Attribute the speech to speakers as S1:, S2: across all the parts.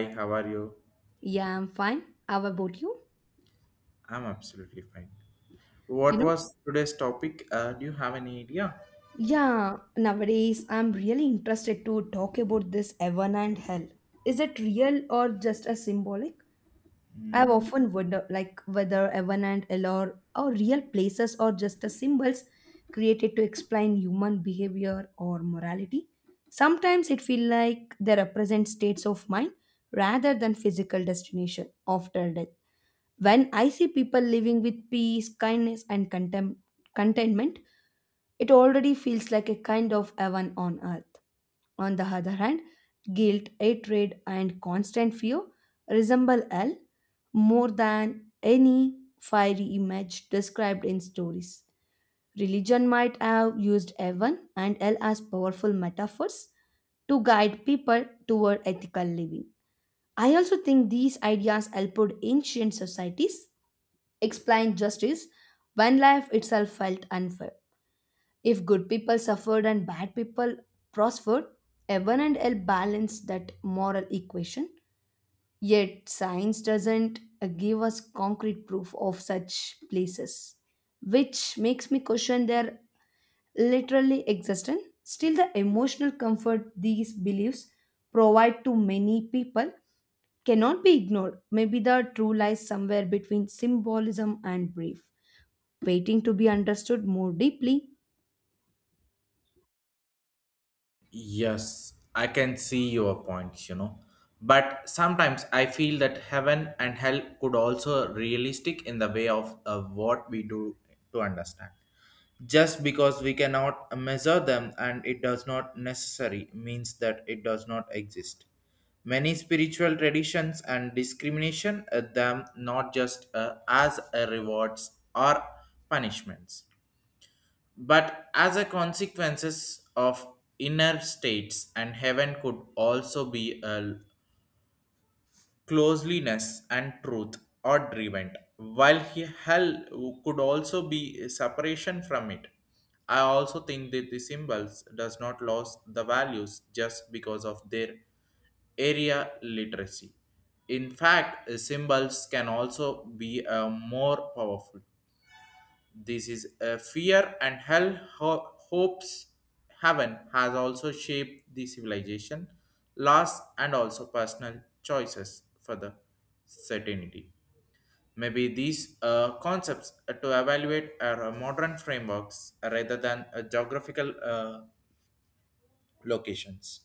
S1: Hi, how are you?
S2: Yeah, I'm fine. How about you?
S1: I'm absolutely fine.
S2: You
S1: What
S2: know?
S1: was today's topic? Do you have any idea?
S2: Yeah, nowadays I'm really interested to talk about this heaven and hell. Is it real or just a symbolic? I've
S1: Mm,
S2: often wondered like whether heaven and hell are real places or just a symbols created to explain human behavior or morality. Sometimes it feels like they represent states of mind rather than physical destination after death. When I see people living with peace, kindness, and contentment, it already feels like a kind of heaven on earth. On the other hand, guilt, hatred, and constant fear resemble hell more than any fiery image described in stories. Religion might have used heaven and hell as powerful metaphors to guide people toward ethical living. I also think these ideas helped ancient societies explained justice when life itself felt unfair. If good people suffered and bad people prospered, heaven and hell balanced that moral equation. Yet science doesn't give us concrete proof of such places, which makes me question their literally existence. Still, the emotional comfort these beliefs provide to many people cannot be ignored. Maybe the true lies somewhere between symbolism and belief waiting to be understood more deeply.
S1: yes, I can see your points, you know. But sometimes I feel that heaven and hell could also realistic in the way of what we do to understand. Just because we cannot measure them and it does not necessary means that it does not exist, many spiritual traditions and discrimination at them not just as a rewards or punishments but as a consequences of inner states, and heaven could also be a closeliness and truth are driven, while he hell could also be separation from it. I also think that the symbols does not lose the values just because of their area literacy. In fact, symbols can also be more powerful. This is a fear and hell hopes heaven has also shaped the civilization, loss, and also personal choices for the certainty. Maybe these concepts to evaluate are modern frameworks rather than geographical locations.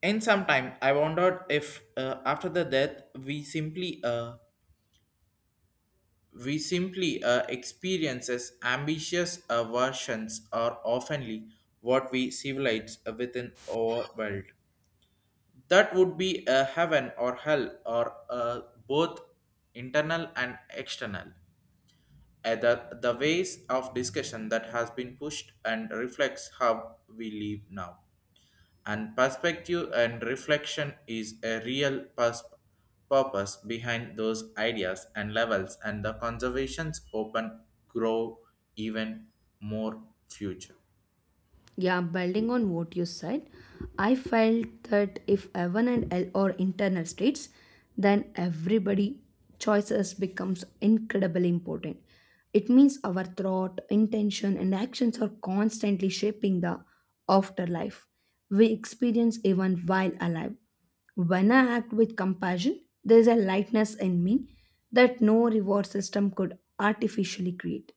S1: In some time, I wondered if after the death we simply We simply experiences ambitious versions are oftenly what we civilize within our world. That would be a heaven or hell or both internal and external. The ways of discussion that has been pushed and reflects how we live now, and perspective and reflection is a real purpose behind those ideas and levels, and the conservations open, grow, even more future.
S2: Yeah, building on what you said, I felt that if heaven and hell are internal states, then everybody choices becomes incredibly important. It means our thought, intention, and actions are constantly shaping the afterlife we experience even while alive. When I act with compassion, there is a lightness in me that no reward system could artificially create.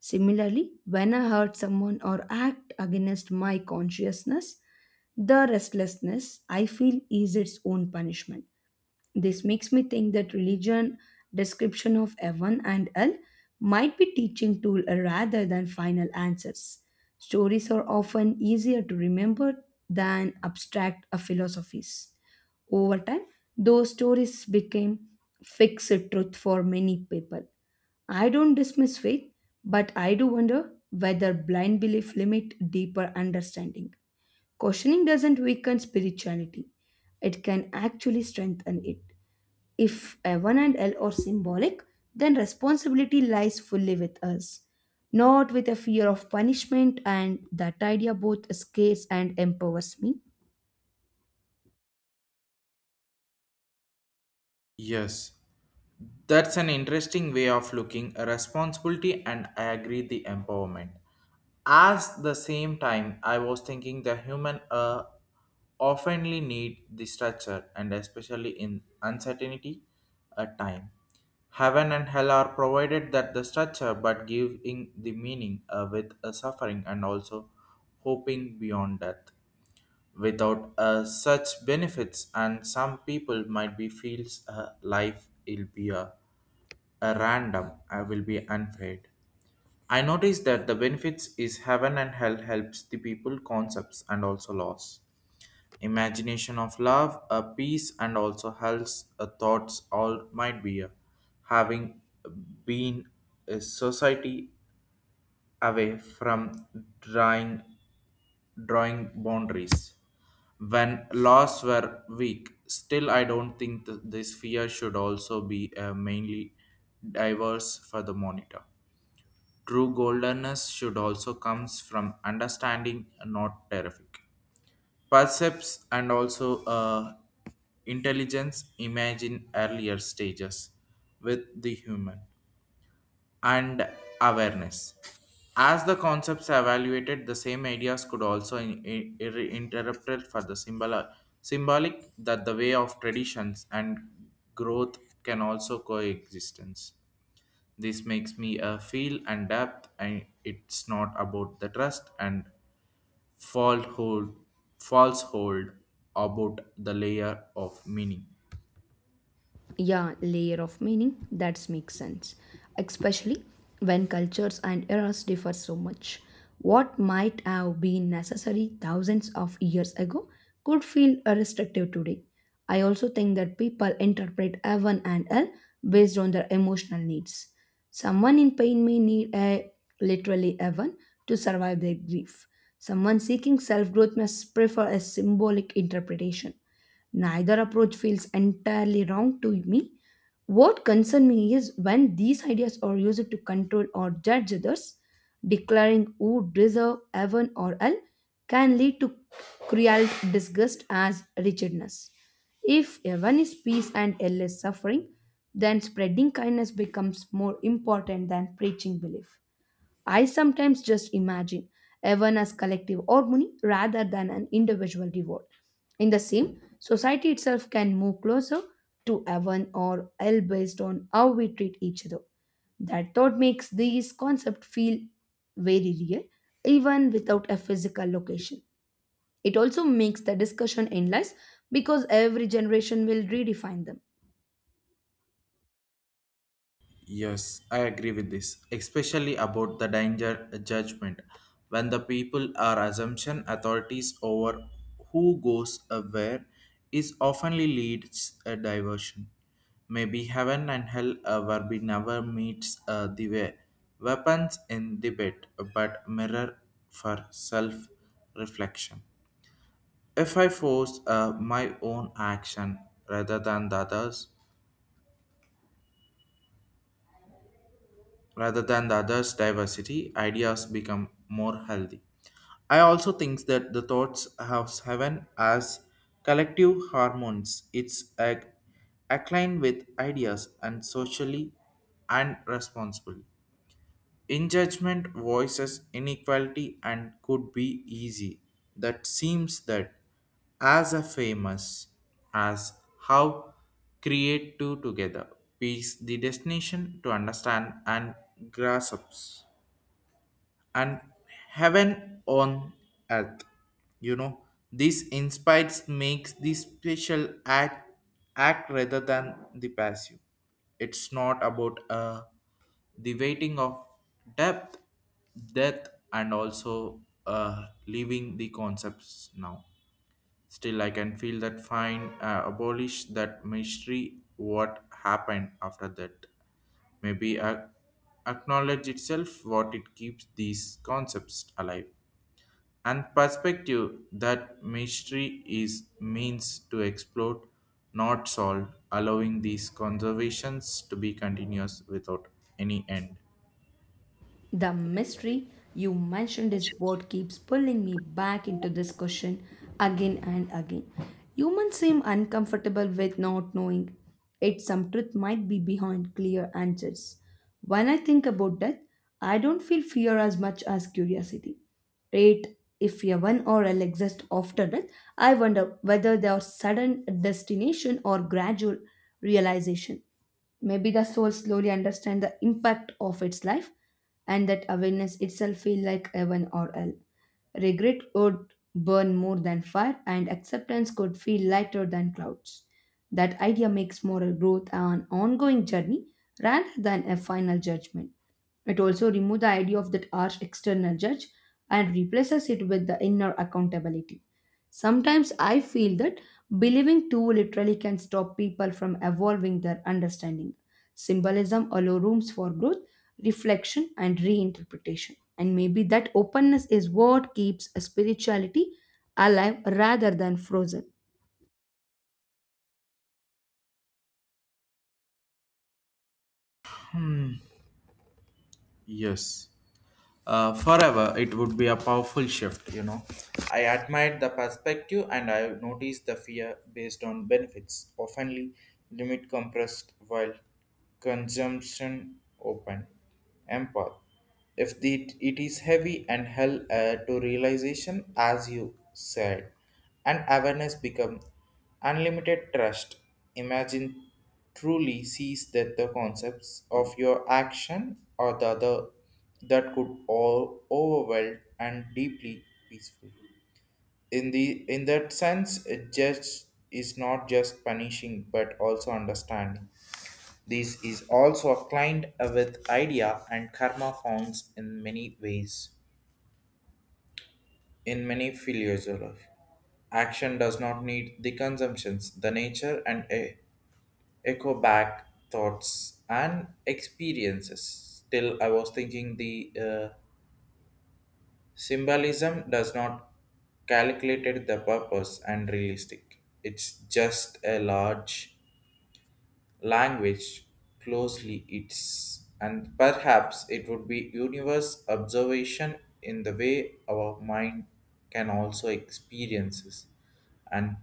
S2: Similarly, when I hurt someone or act against my consciousness, the restlessness I feel is its own punishment. This makes me think that religion description of heaven and hell might be teaching tool rather than final answers. Stories are often easier to remember than abstract philosophies. Over time, those stories became fixed truth for many people. I don't dismiss faith, but I do wonder whether blind belief limit deeper understanding. Questioning doesn't weaken spirituality. It can actually strengthen it. If F1 and L are symbolic, then responsibility lies fully with us, not with a fear of punishment, and that idea both scares and empowers me.
S1: Yes, that's an interesting way of looking a responsibility, and I agree the empowerment. As the same time, I was thinking the human oftenly need the structure, and especially in uncertainty a time. Heaven and hell are provided that the structure but giving the meaning with a suffering and also hoping beyond death without such benefits, and some people might be feels life will be a random. I will be unfair. I noticed that the benefits is heaven and hell helps the people concepts and also loss imagination of love a peace and also health a thoughts all might be a having been a society away from drawing drawing boundaries when laws were weak. Still, I don't think this fear should also be mainly diverse for the monitor. True goldenness should also comes from understanding, not terrific. Percepts and also intelligence imagine earlier stages with the human and awareness. As the concepts are evaluated, the same ideas could also interrupted for the symbolic that the way of traditions and growth can also coexistence. This makes me a feel and depth, and it's not about the trust and falsehood, falsehood about the layer of meaning.
S2: Yeah, layer of meaning that makes sense, especially when cultures and eras differ so much. What might have been necessary thousands of years ago could feel restrictive today. I also think that people interpret heaven and hell based on their emotional needs. Someone in pain may need a literally heaven to survive their grief. Someone seeking self-growth must prefer a symbolic interpretation. Neither approach feels entirely wrong to me. What concerns me is when these ideas are used to control or judge others, declaring who deserve heaven or hell can lead to cruel disgust as rigidness. If heaven is peace and hell is suffering, then spreading kindness becomes more important than preaching belief. I sometimes just imagine heaven as collective harmony rather than an individual reward. In the same, society itself can move closer to heaven or hell based on how we treat each other. That thought makes these concepts feel very real, even without a physical location. It also makes the discussion endless because every generation will redefine them.
S1: Yes, I agree with this, especially about the danger judgment. When the people are assumption authorities over who goes where is oftenly leads a diversion. Maybe heaven and hell where we never meets the way. Weapons in debate, but mirror for self-reflection. If I force my own action rather than the others, rather than the others' diversity, ideas become more healthy. I also think that the thoughts of heaven as collective hormones. It's a aligned with ideas and socially and responsibly. In judgment, voices inequality and could be easy. That seems that as a famous as how create two together. Peace the destination to understand and grasps and heaven on earth. You know, this inspires makes this special act rather than the passive. It's not about the waiting of depth, death, and also leaving the concepts now. Still, I can feel that fine, abolish that mystery, what happened after that. Maybe acknowledge itself what it keeps these concepts alive. And perspective that mystery is means to explore, not solved, allowing these conservations to be continuous without any end.
S2: The mystery you mentioned is what keeps pulling me back into this question again and again. Humans seem uncomfortable with not knowing, yet some truth might be behind clear answers. When I think about death, I don't feel fear as much as curiosity. Yet, if heaven or hell exist after death, I wonder whether they are sudden destination or gradual realization. Maybe the soul slowly understands the impact of its life and that awareness itself feel like heaven or hell. Regret would burn more than fire and acceptance could feel lighter than clouds. That idea makes moral growth an ongoing journey rather than a final judgment. It also removes the idea of that harsh external judge and replaces it with the inner accountability. Sometimes I feel that believing too literally can stop people from evolving their understanding. Symbolism allows rooms for growth, reflection, and reinterpretation. And maybe that openness is what keeps a spirituality alive rather than frozen.
S1: Yes. Forever it would be a powerful shift, you know. I admired the perspective, and I noticed the fear based on benefits, oftenly limit compressed while consumption open. Empath. If the, it is heavy and hell to realization, as you said, and awareness become unlimited trust. Imagine truly sees that the concepts of your action or the other that could all overwhelm and deeply peaceful. In that sense, a judge is not just punishing but also understanding. This is also aligned with idea and karma forms in many ways. In many philosophy, action does not need the consumptions, the nature and a echo back thoughts and experiences. Still, I was thinking the symbolism does not calculated the purpose and realistic. It's just a large language closely its, and perhaps it would be universe observation in the way our mind can also experiences and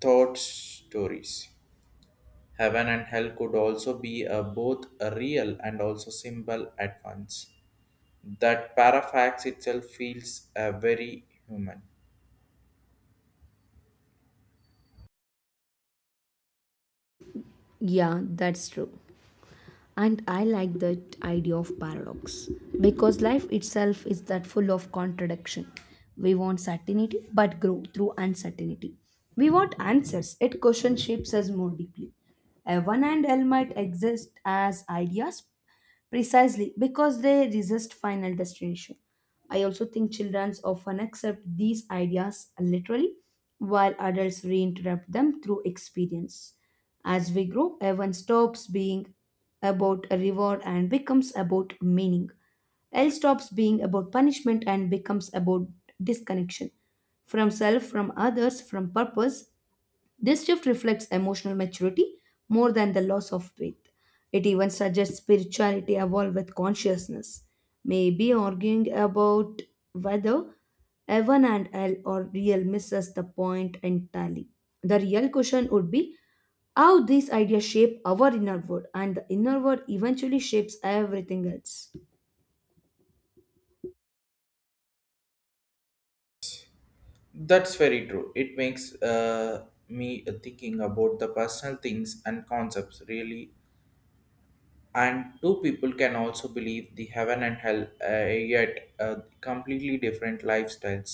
S1: thought stories. Heaven and hell could also be a, both a real and also symbol at once. That parafax itself feels very human.
S2: Yeah, that's true. And I like that idea of paradox because life itself is that full of contradiction. We want certainty but grow through uncertainty. We want answers it question shapes us more deeply. Evan and L might exist as ideas precisely because they resist final destination. I also think children often accept these ideas literally while adults reinterpret them through experience. As we grow, heaven stops being about a reward and becomes about meaning. Hell stops being about punishment and becomes about disconnection from self, from others, from purpose. This shift reflects emotional maturity more than the loss of faith. It even suggests spirituality evolve with consciousness. Maybe arguing about whether heaven and hell are real misses the point entirely. The real question would be how these ideas shape our inner world, and the inner world eventually shapes everything else.
S1: That's very true. It makes me thinking about the personal things and concepts really, and two people can also believe the heaven and hell yet completely different lifestyles.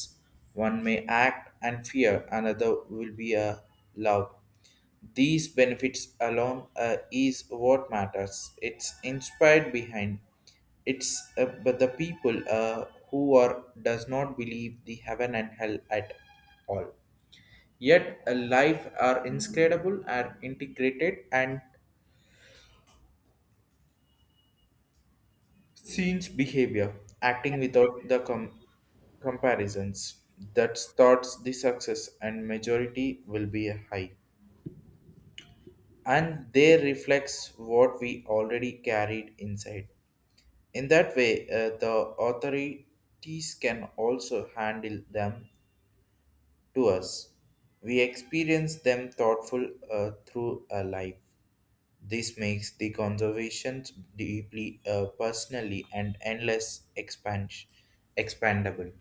S1: One may act and fear, another will be a love. These benefits alone is what matters. It's inspired behind it's but the people who are does not believe the heaven and hell at all, yet a life are inscrutable are integrated and scenes behavior, acting without the comparisons that starts the success and majority will be high. And they reflects what we already carried inside. In that way, the authorities can also handle them to us. We experience them thoughtful through a life. This makes the conservation deeply personally and endless expansion expandable.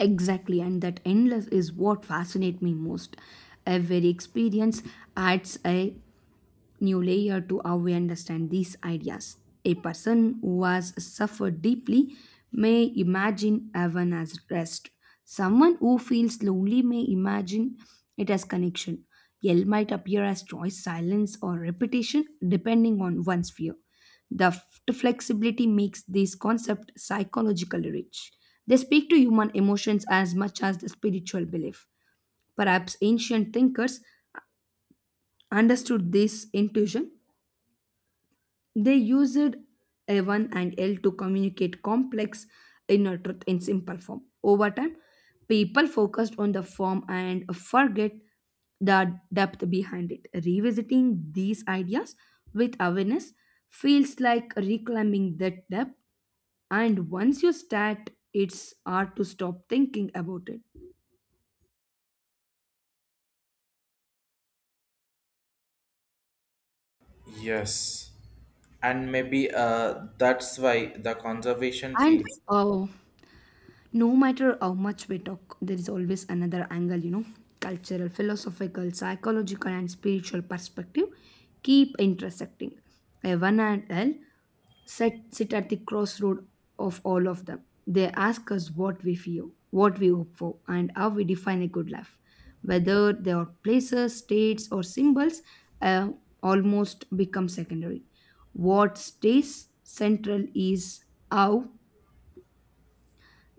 S2: Exactly, and that endless is what fascinates me most. Every experience adds a new layer to how we understand these ideas. A person who has suffered deeply may imagine heaven as rest. Someone who feels lonely may imagine it as connection. Yell might appear as choice, silence, or repetition depending on one's fear. The flexibility makes this concept psychologically rich. They speak to human emotions as much as the spiritual belief. Perhaps ancient thinkers understood this intuition. They used A1 and L to communicate complex inner truth in simple form. Over time, people focused on the form and forget the depth behind it. Revisiting these ideas with awareness feels like reclaiming that depth, and once you start, it's hard to stop thinking about it.
S1: Yes. And maybe that's why the conservation
S2: And
S1: feels
S2: uh, no matter how much we talk, there is always another angle, you know, cultural, philosophical, psychological, and spiritual perspective keep intersecting. Heaven and hell sit at the crossroad of all of them. They ask us what we fear, what we hope for, and how we define a good life. Whether they are places, states, or symbols, uh, almost become secondary. What stays central is how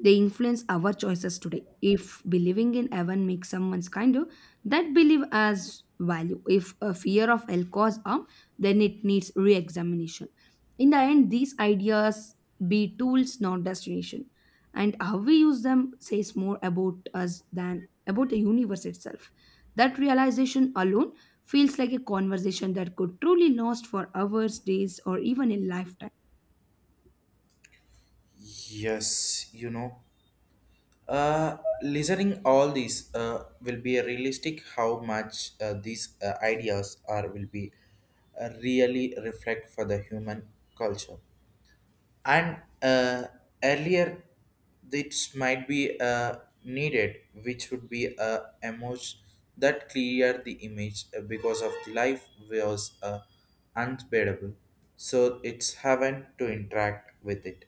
S2: they influence our choices today. If believing in heaven makes someone's kinder, that belief has value. If a fear of hell cause harm, then it needs re-examination. In the end, these ideas be tools, not destination, and how we use them says more about us than about the universe itself. That realization alone feels like a conversation that could truly last for hours, days, or even a lifetime.
S1: yes, you know. Listening all these will be a realistic how much these ideas are will be really reflect for the human culture. And earlier this might be needed, which would be a emoji that clear the image because of the life was unbearable. So it's having to interact with it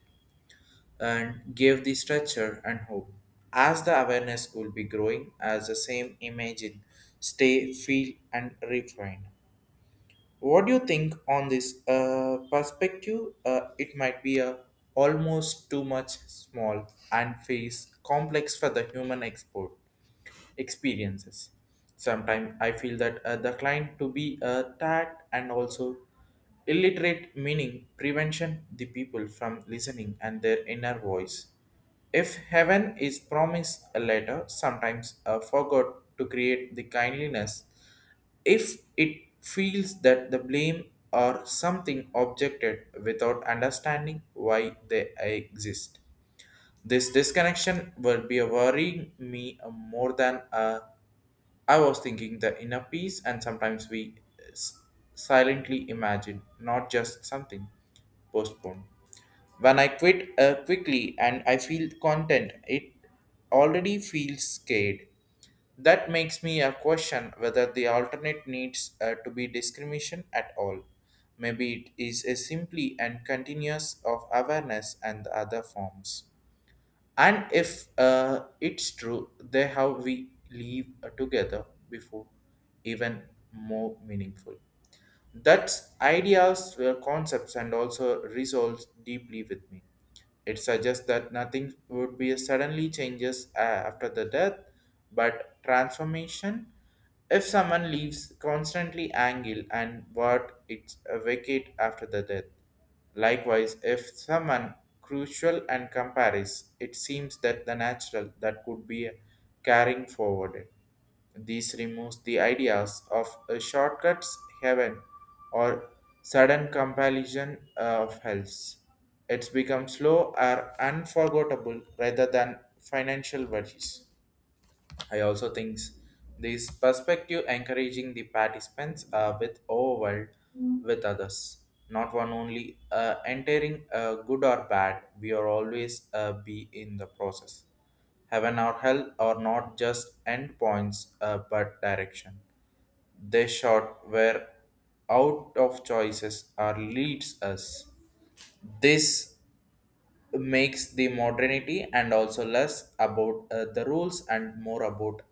S1: and give the structure and hope as the awareness will be growing as the same image in stay feel and refine. What do you think on this perspective? It might be a almost too much small and face complex for the human export experiences. Sometimes I feel that the client to be a tad and also illiterate meaning prevention the people from listening and their inner voice. If heaven is promised a letter, sometimes forgot to create the kindliness, if it feels that the blame or something objected without understanding why they exist. This disconnection will be worrying me more than I was thinking the inner peace, and sometimes we s- silently imagine, not just something postponed. When I quit quickly and I feel content, it already feels scared. That makes me a question whether the alternate needs to be discrimination at all. Maybe it is a simply and continuous of awareness and the other forms. And if it's true they how we live together before even more meaningful that ideas were concepts and also resolves deeply with me. It suggests that nothing would be suddenly changes after the death, but transformation. If someone leaves constantly angle and what it's a vacate after the death. Likewise, if someone crucial and compares, it seems that the natural that could be carrying forward. This removes the ideas of a shortcuts heaven or sudden compulsion of health. It's become slow or unforgettable rather than financial worries. I also think this perspective encouraging the participants with overwhelmed with others. Not one only entering good or bad, we are always be in the process. Heaven or hell are not just end points but direction. They short where out of choices or leads us. This makes the modernity and also less about the rules and more about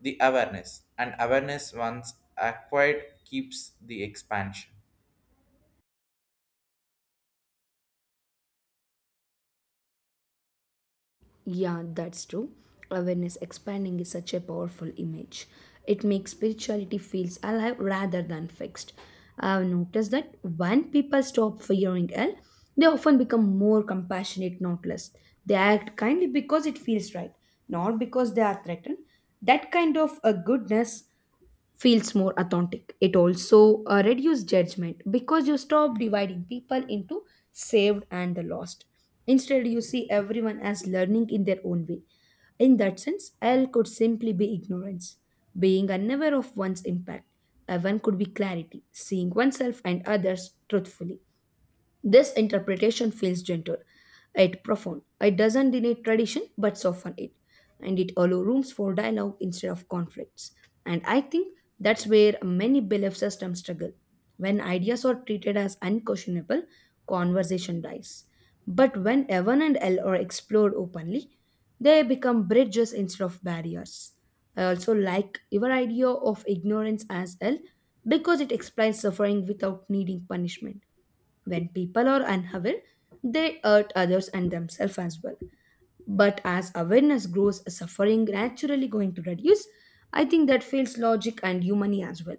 S1: the awareness, and awareness once acquired keeps the expansion.
S2: Yeah, that's true. Awareness expanding is such a powerful image. It makes spirituality feels alive rather than fixed. I've noticed that when people stop fearing hell, they often become more compassionate, not less. They act kindly because it feels right, not because they are threatened. That kind of a goodness feels more authentic. It also reduces judgment because you stop dividing people into saved and the lost. Instead, you see everyone as learning in their own way. In that sense, L could simply be ignorance, being unaware of one's impact. One could be clarity, seeing oneself and others truthfully. This interpretation feels gentle, yet profound. It doesn't deny tradition but soften it, and it allows rooms for dialogue instead of conflicts. And I think that's where many belief systems struggle. When ideas are treated as unquestionable, conversation dies. But when Evan and L are explored openly, they become bridges instead of barriers. I also like your idea of ignorance as L because it explains suffering without needing punishment. When people are unaware, they hurt others and themselves as well. But as awareness grows, suffering naturally going to reduce. I think that feels logic and humane as well.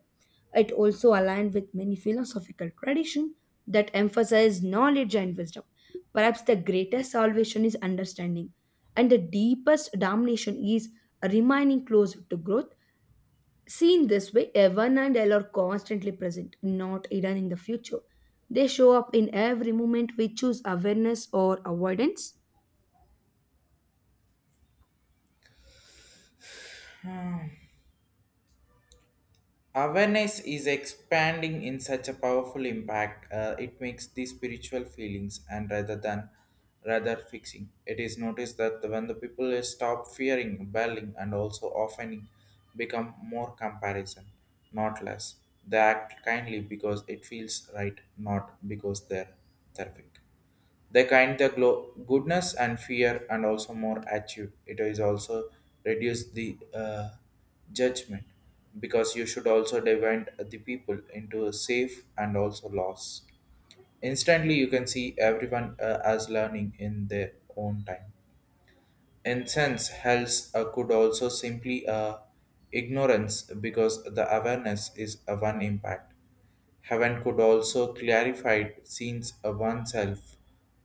S2: It also aligned with many philosophical tradition that emphasize knowledge and wisdom. Perhaps the greatest salvation is understanding, and the deepest damnation is remaining close to growth. Seen this way, Evan and Elle are constantly present, not hidden in the future. They show up in every moment we choose awareness or avoidance.
S1: Hmm. Awareness is expanding in such a powerful impact. It makes the spiritual feelings and rather than rather fixing. It is noticed that when the people stop fearing bailing and also often become more comparison, not less. They act kindly because it feels right, not because they're terrific. They kind the goodness and fear and also more achieve. It is also reduce the judgment, because you should also divide the people into a safe and also loss. Instantly, you can see everyone as learning in their own time. Incense hells could also simply ignorance because the awareness is a one impact. Heaven could also clarify scenes of oneself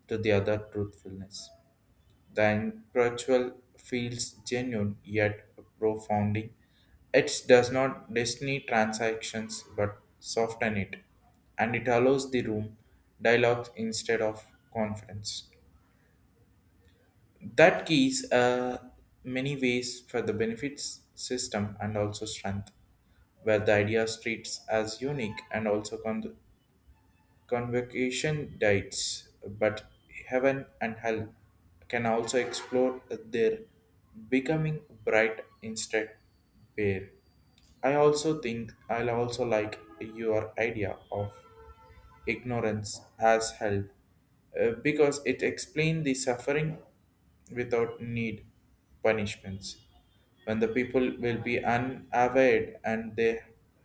S1: to the other truthfulness. The spiritual feels genuine yet profounding. It does not destiny transactions but soften it, and it allows the room dialogue instead of conference. That keys many ways for the benefits system and also strength, where the idea treats as unique and also convocation diets, but heaven and hell can also explore their becoming bright instead bare. I also think I'll also like your idea of ignorance has held because it explained the suffering without need punishments when the people will be unaware and they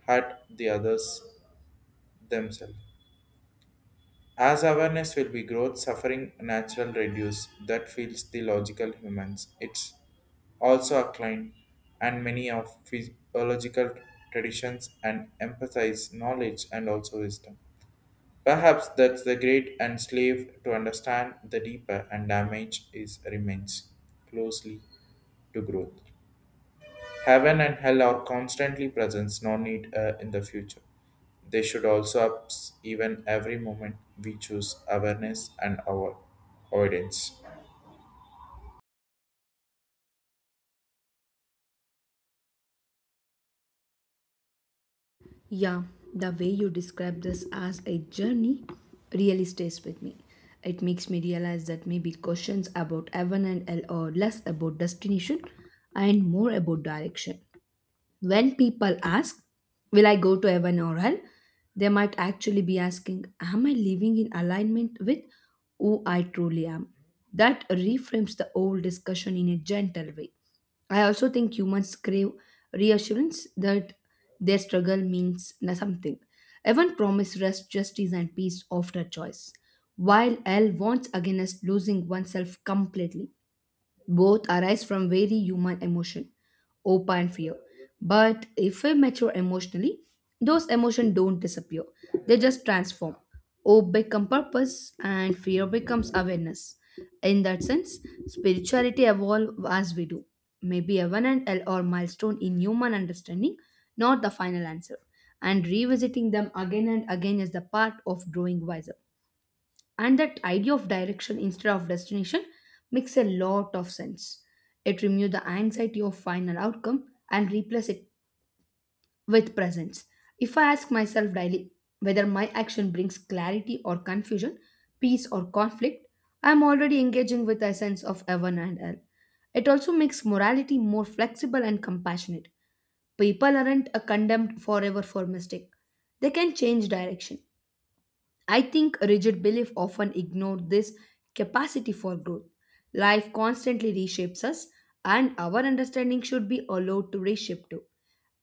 S1: hurt the others themselves as awareness will be growth suffering natural reduce that feels the logical humans. It's also a client, and many of physiological traditions and emphasize knowledge and also wisdom. Perhaps that's the great and slave to understand the deeper, and damage is remains closely to growth. Heaven and hell are constantly present, no need in the future. They should also ups even every moment we choose awareness and our avoidance.
S2: Yeah, the way you describe this as a journey really stays with me. It makes me realize that maybe questions about Evan and Elle are less about destination and more about direction. When people ask, "Will I go to heaven or hell?" they might actually be asking, "Am I living in alignment with who I truly am?" That reframes the whole discussion in a gentle way. I also think humans crave reassurance that their something. Heaven promises rest, justice, and peace after choice, while hell warns against losing oneself completely. Both arise from very human emotion, hope and fear. But if we mature emotionally, those emotions don't disappear, they just transform. Hope becomes purpose, and fear becomes awareness. In that sense, spirituality evolves as we do. Maybe a one and L or milestone in human understanding, not the final answer. And revisiting them again and again is the part of growing wiser, and that idea of direction instead of destination makes a lot of sense. It removes the anxiety of final outcome and replaces it with presence. If I ask myself daily whether my action brings clarity or confusion, peace or conflict, I am already engaging with a sense of heaven and hell. It also makes morality more flexible and compassionate. People aren't condemned forever for mistake. They can change direction. I think rigid belief often ignore this capacity for growth. Life constantly reshapes us, and our understanding should be allowed to reshape too.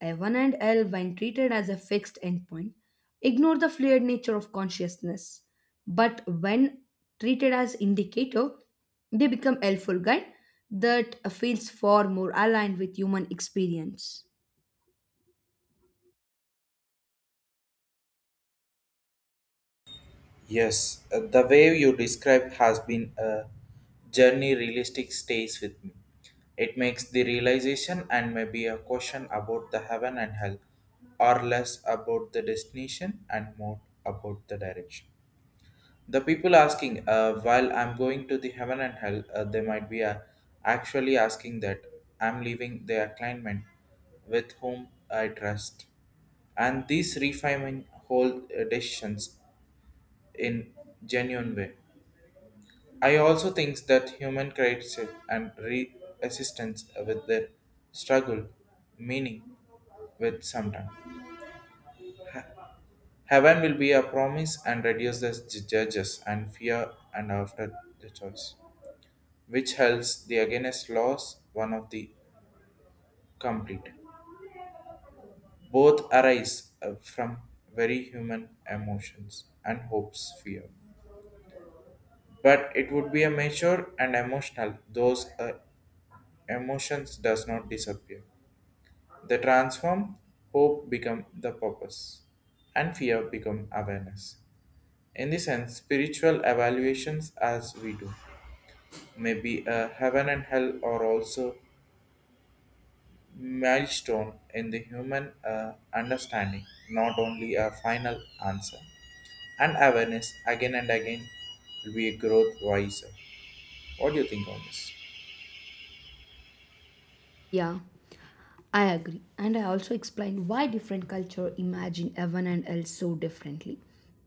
S2: F1 and L, when treated as a fixed endpoint, ignore the fluid nature of consciousness. But when treated as indicator, they become helpful guide that feels far more aligned with human experience.
S1: Yes, the way you described has been a journey realistic stays with me. It makes the realization and maybe a question about the heaven and hell, or less about the destination and more about the direction. The people asking, while I'm going to the heaven and hell, they might be actually asking that I'm leaving their client with whom I trust. And these refining whole decisions in genuine way. I also think that human creates and assistance with their struggle, meaning with sometime. Heaven will be a promise and reduces the judges and fear and after the choice, which helps the against loss one of the complete. Both arise from very human emotions and hopes, fear. But it would be a mature and emotional. Those emotions does not disappear. They transform. Hope become the purpose, and fear become awareness. In this sense, spiritual evaluations as we do may be a heaven and hell, or also milestone in the human understanding, not only a final answer. And awareness again and again will be a growth wiser. What do you think on this?
S2: Yeah. I agree, and I also explain why different culture imagine heaven and hell so differently.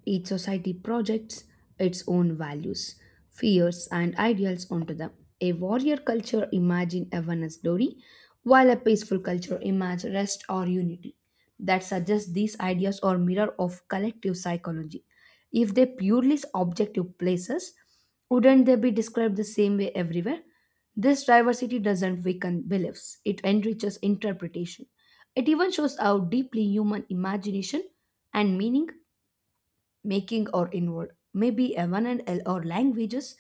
S2: Each society projects its own values, fears, and ideals onto them. A warrior culture imagine heaven as glory, while a peaceful culture imagine rest or unity. That suggests these ideas are mirror of collective psychology. If they purely objective places, wouldn't they be described the same way everywhere? This diversity doesn't weaken beliefs, it enriches interpretation. It even shows how deeply human imagination and meaning making are involved. Maybe a one or languages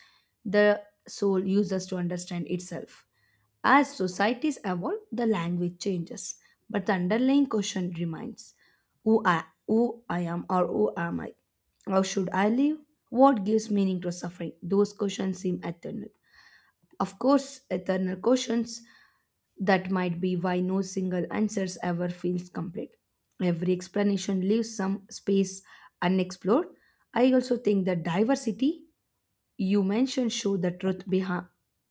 S2: the soul uses to understand itself. As societies evolve, the language changes, but the underlying question remains who I am or who am I? How should I live? What gives meaning to suffering? Those questions seem eternal. Of course, eternal questions, that might be why no single answers ever feels complete. Every explanation leaves some space unexplored. I also think that diversity you mentioned show the truth behind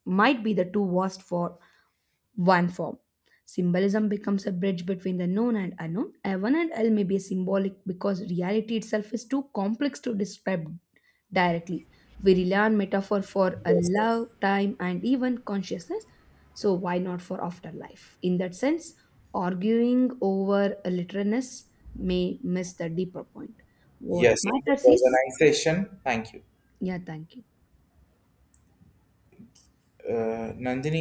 S2: might be the too vast for one form. Symbolism becomes a bridge between the known and unknown. Heaven and hell may be symbolic because reality itself is too complex to describe directly. We rely on metaphor for a
S1: Yes.
S2: love, time, and even consciousness. So why not for afterlife? In that sense, arguing over a literalness may miss the deeper point. What
S1: Yes, it
S2: matters
S1: was a
S2: is,
S1: nice session. Thank you.
S2: yeah, thank you.
S1: Nandini,